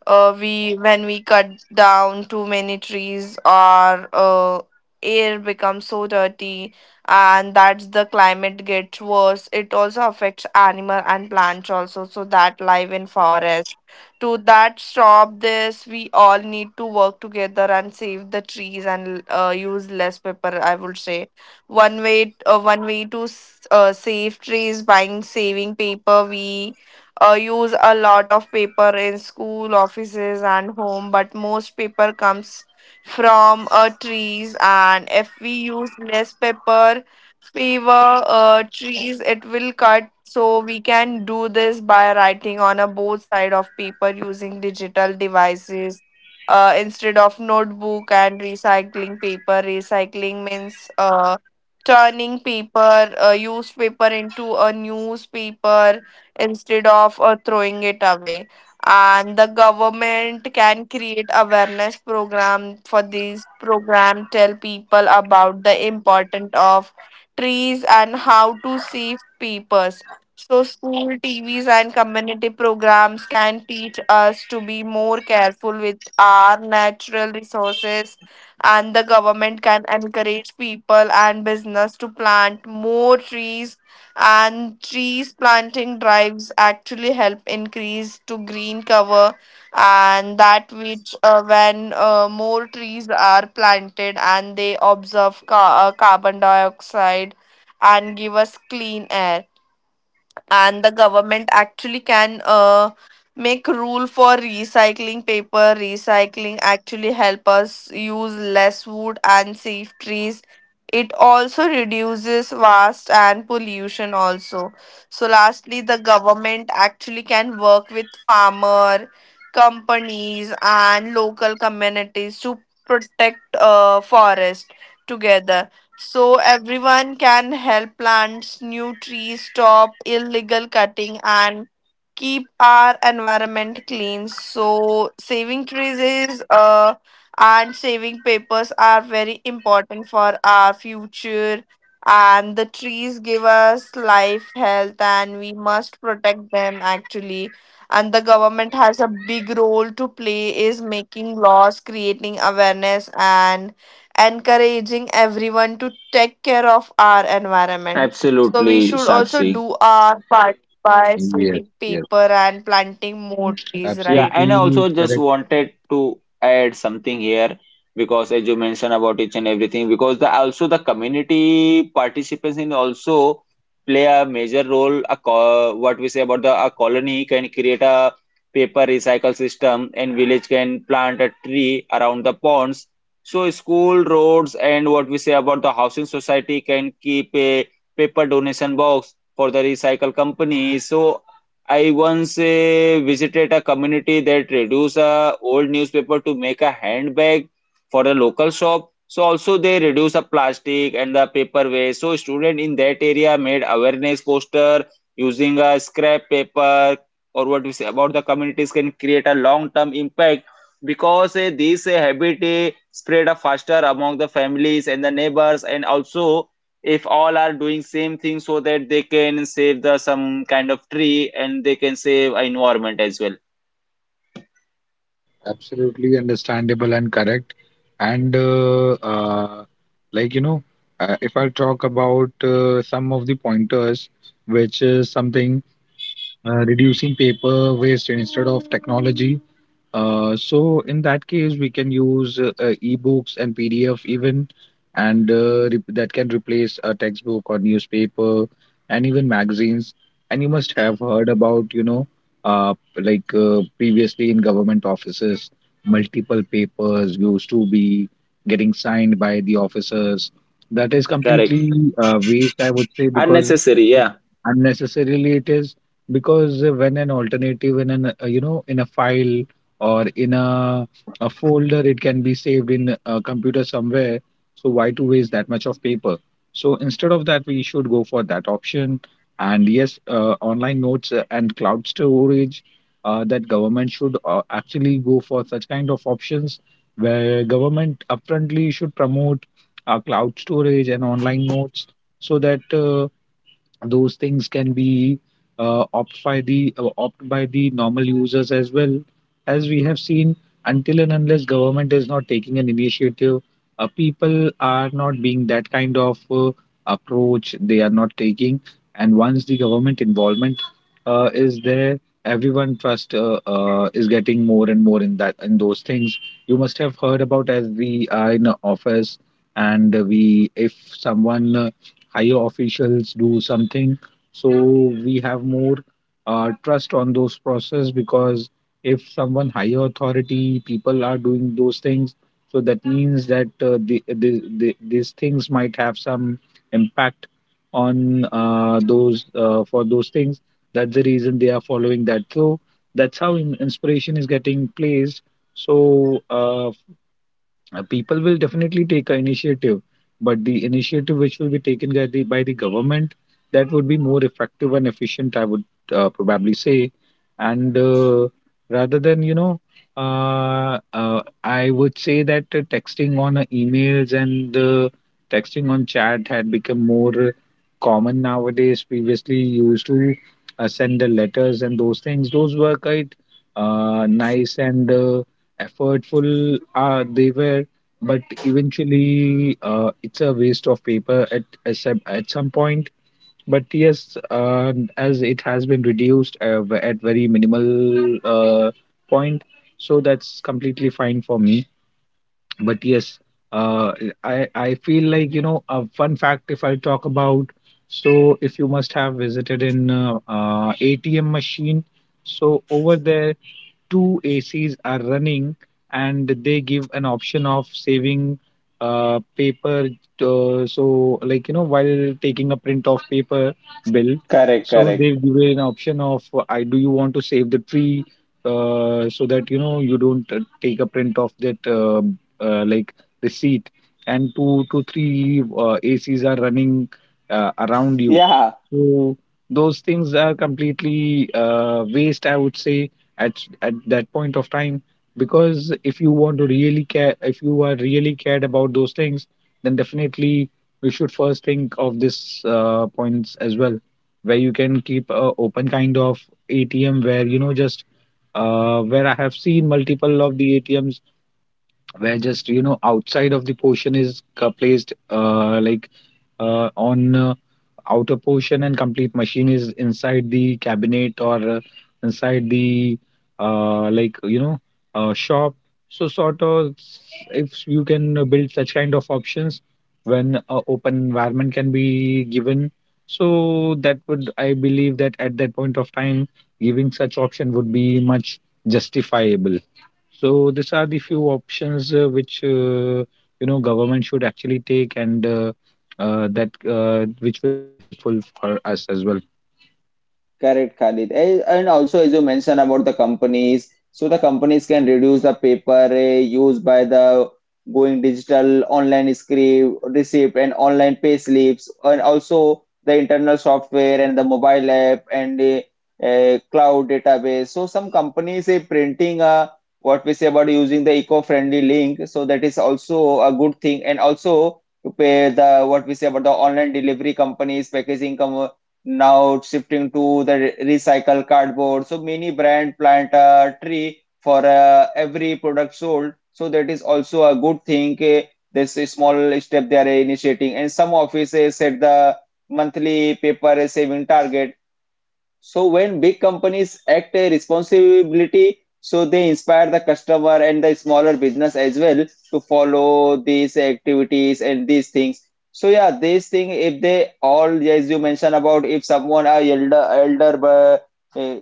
Speaker 3: we, when we cut down too many trees, our air becomes so dirty, and that's the climate gets worse. It also affects animal and plants also, so that live in forest. To that, stop this, we all need to work together and save the trees and use less paper, I would say. One way, one way to save trees by saving paper, we use a lot of paper in school, offices, and home, but most paper comes from trees. And if we use less paper, fewer trees, it will cut. So we can do this by writing on a both side of paper, using digital devices instead of notebook, and recycling paper. Recycling means turning paper, used paper into a newspaper instead of throwing it away. And the government can create awareness program. For these program, tell people about the importance of trees and how to save papers. So school, TVs and community programs can teach us to be more careful with our natural resources. And the government can encourage people and business to plant more trees, and trees planting drives actually help increase to green cover. And that, which when more trees are planted and they observe carbon dioxide and give us clean air. And the government actually can make rule for recycling paper. Recycling actually help us use less wood and save trees. It also reduces waste and pollution also. So lastly, the government actually can work with farmer, companies and local communities to protect forest together. So everyone can help plants new trees, stop illegal cutting, and keep our environment clean. So saving trees is, and saving papers are very important for our future. And the trees give us life, health, and we must protect them actually. And the government has a big role to play, is making laws, creating awareness, and encouraging everyone to take care of our environment. So we
Speaker 1: Absolutely,
Speaker 3: should also
Speaker 1: Sakshi.
Speaker 3: do our part by saving
Speaker 2: yes,
Speaker 3: paper and planting more trees,
Speaker 1: Yeah,
Speaker 3: right?
Speaker 1: and I
Speaker 2: absolutely
Speaker 1: also just
Speaker 2: correct,
Speaker 1: wanted to add something here because as you mentioned about each and everything, because the also the community participants in also play a major role. A co, what we say about the a colony can create a paper recycle system, and village can plant a tree around the ponds. So school, roads, and what we say about the housing society can keep a paper donation box for the recycle company. So I once visited a community that reduced a old newspaper to make a handbag for the local shop. So also they reduce the plastic and the paper waste. So student in that area made awareness poster using a scrap paper or what we say about the communities can create a long-term impact because this habit spread faster among the families and the neighbors and also if all are doing same thing so that they can save the some kind of tree and they can save environment as well.
Speaker 2: absolutely understandable and correct. And like, you know, if I talk about some of the pointers, which is something, reducing paper waste instead of technology. So in that case, we can use ebooks and PDF even, and that can replace a textbook or newspaper and even magazines. And you must have heard about, you know, uh, like previously in government offices, multiple papers used to be getting signed by the officers. That is
Speaker 1: Correct.
Speaker 2: completely waste, I would say, because
Speaker 1: Unnecessary,
Speaker 2: it,
Speaker 1: yeah.
Speaker 2: unnecessarily it is because when an alternative in an in a file or in a folder, it can be saved in a computer somewhere. So why to waste that much of paper? So instead of that, we should go for that option. And yes, online notes and cloud storage, that government should actually go for such kind of options where government upfrontly should promote cloud storage and online notes, so that those things can be opt by the normal users as well. As we have seen, until and unless government is not taking an initiative, people are not being that kind of approach, they are not taking. And once the government involvement is there, everyone trust is getting more and more in that in those things. You must have heard about, as we are in a office, and we if someone higher officials do something, so we have more trust on those process because if someone higher authority people are doing those things, so that means that these things might have some impact on those for those things. That's the reason they are following that. So that's how inspiration is getting placed. So people will definitely take an initiative, but the initiative which will be taken by the government, that would be more effective and efficient, I would probably say. And rather than I would say that texting on emails and texting on chat had become more common nowadays. Previously, you used to send the letters and those things. Those were quite nice and effortful. They were, but eventually it's a waste of paper at some point. But yes, as it has been reduced at very minimal point, so that's completely fine for me. But yes, uh, I feel like, you know, a fun fact, if I talk about, so if you must have visited in ATM machine, so over there, two ACs are running and they give an option of saving paper. So, like, you know, while taking a print of paper bill,
Speaker 1: Correct,
Speaker 2: so they
Speaker 1: correct.
Speaker 2: give you an option of, I do you want to save the tree, so that, you know, you don't take a print of that like receipt. And two to three ACs are running around you.
Speaker 1: Yeah.
Speaker 2: So those things are completely waste, I would say, at that point of time. Because if you want to really care, if you are really cared about those things, then definitely you should first think of this points as well, where you can keep a open kind of ATM where, you know, just where I have seen multiple of the ATMs where just, you know, outside of the portion is placed like on outer portion, and complete machine is inside the cabinet or inside the uh, like you know shop, so sort of. If you can build such kind of options when a open environment can be given, so that would, I believe that at that point of time, giving such option would be much justifiable. So these are the few options which, you know, government should actually take, and that which will be helpful for us as well.
Speaker 1: Correct, Khalid. Eh, and also, as you mentioned about the companies, so the companies can reduce the paper eh, used by the going digital, online script, receipt, and online pay slips, and also the internal software and the mobile app and eh, a, cloud database. So some companies are printing what we say about using the eco-friendly link. So that is also a good thing, and also to pay the what we say about the online delivery companies, packaging companies now shifting to the recycle cardboard, so many brand plant a tree for every product sold, so that is also a good thing eh, this is small step they are initiating and some offices set the monthly paper saving target so when big companies act a responsibility, so they inspire the customer and the smaller business as well to follow these activities and these things. So yeah, this thing if they all as you mentioned about if someone are elder but, uh,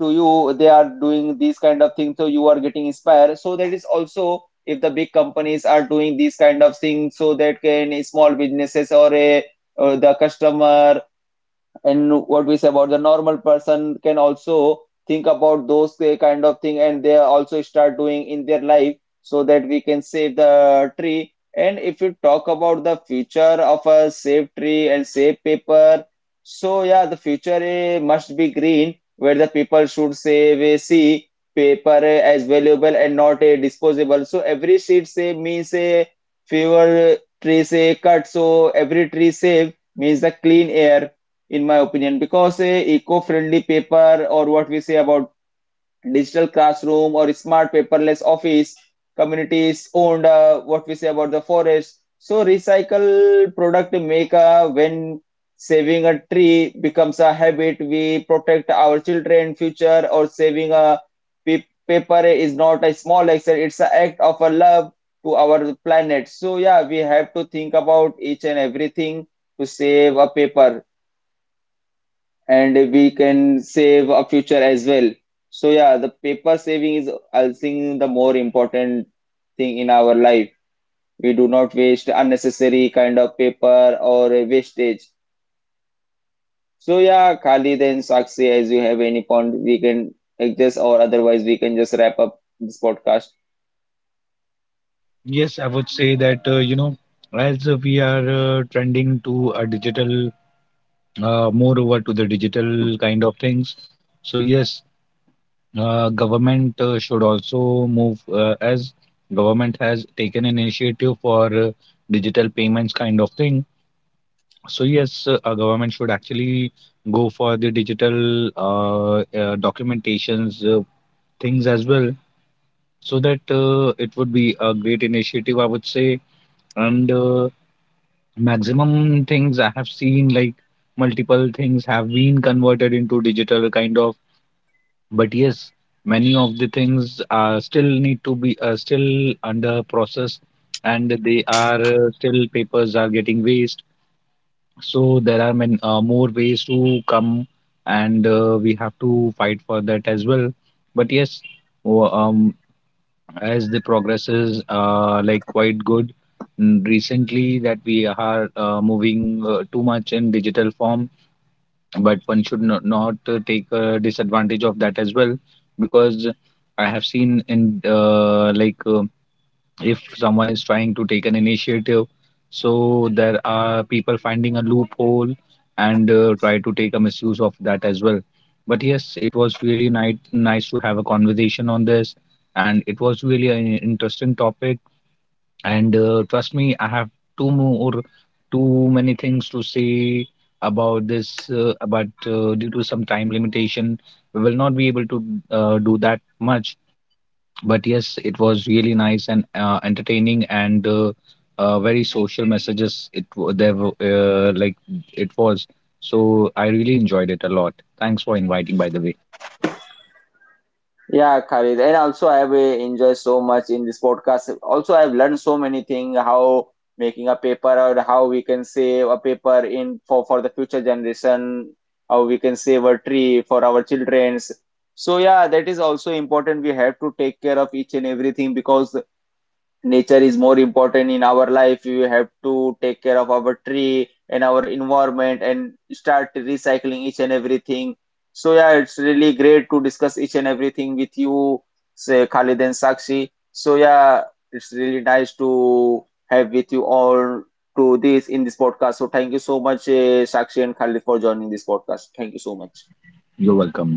Speaker 1: to you they are doing these kind of things so you are getting inspired. So that is also if the big companies are doing these kind of things so that can small businesses or a or the customer and what we say about the normal person can also think about those kind of thing and they also start doing in their life so that we can save the tree, and if you talk about the future of a safe tree and safe paper, so yeah the future eh, must be green where the people should save a see paper eh, as valuable and not a disposable so every seed save means a fewer eh, trees eh, cut so every tree save means the clean air in my opinion because a eco-friendly paper or what we say about digital classroom or smart paperless office communities owned what we say about the forest so recycle product make a when saving a tree becomes a habit we protect our children future or saving a paper is not a small action, it's an act of a love to our planet. So yeah, we have to think about each and everything to save a paper and we can save a future as well. So yeah, the paper saving is I think the more important thing in our life. We do not waste unnecessary kind of paper or a wastage. So yeah, Khalid and Sakshi, as you have any point, we can adjust or otherwise we can just wrap up this podcast.
Speaker 2: Yes, I would say that, you know, as we are trending to a digital, more over to the digital kind of things. So yes, government should also move, as government has taken initiative for digital payments kind of thing. So yes, our government should actually go for the digital documentations things as well, so that it would be a great initiative, I would say. And maximum things I have seen, like multiple things have been converted into digital kind of. But yes, many of the things still need to be still under process, and they are still papers are getting waste. So there are many more ways to come, and we have to fight for that as well. But yes, w- um, as the progress is like quite good recently, that we are moving too much in digital form, but one should not take disadvantage of that as well, because I have seen in if someone is trying to take an initiative, so there are people finding a loophole, and try to take a misuse of that as well. But yes, it was really nice to have a conversation on this, and it was really an interesting topic. And trust me, I have two more, too many things to say about this, but due to some time limitation, we will not be able to do that much. But yes, it was really nice and entertaining and very social messages. It wa- there wa- Like, it was, so I really enjoyed it a lot. Thanks for inviting, by the way.
Speaker 1: Yeah, Khalid. And also, I have enjoyed so much in this podcast. Also, I've learned so many things how making a paper or how we can save a paper in for the future generation, how we can save a tree for our children's. So yeah, that is also important. We have to take care of each and everything because nature is more important in our life. We have to take care of our tree and our environment and start recycling each and everything. So yeah, it's really great to discuss each and everything with you, say Khalid and Sakshi. So yeah, it's really nice to have with you all to this in this podcast. So thank you so much Sakshi and Khalid for joining this podcast. Thank you so much.
Speaker 2: You're welcome.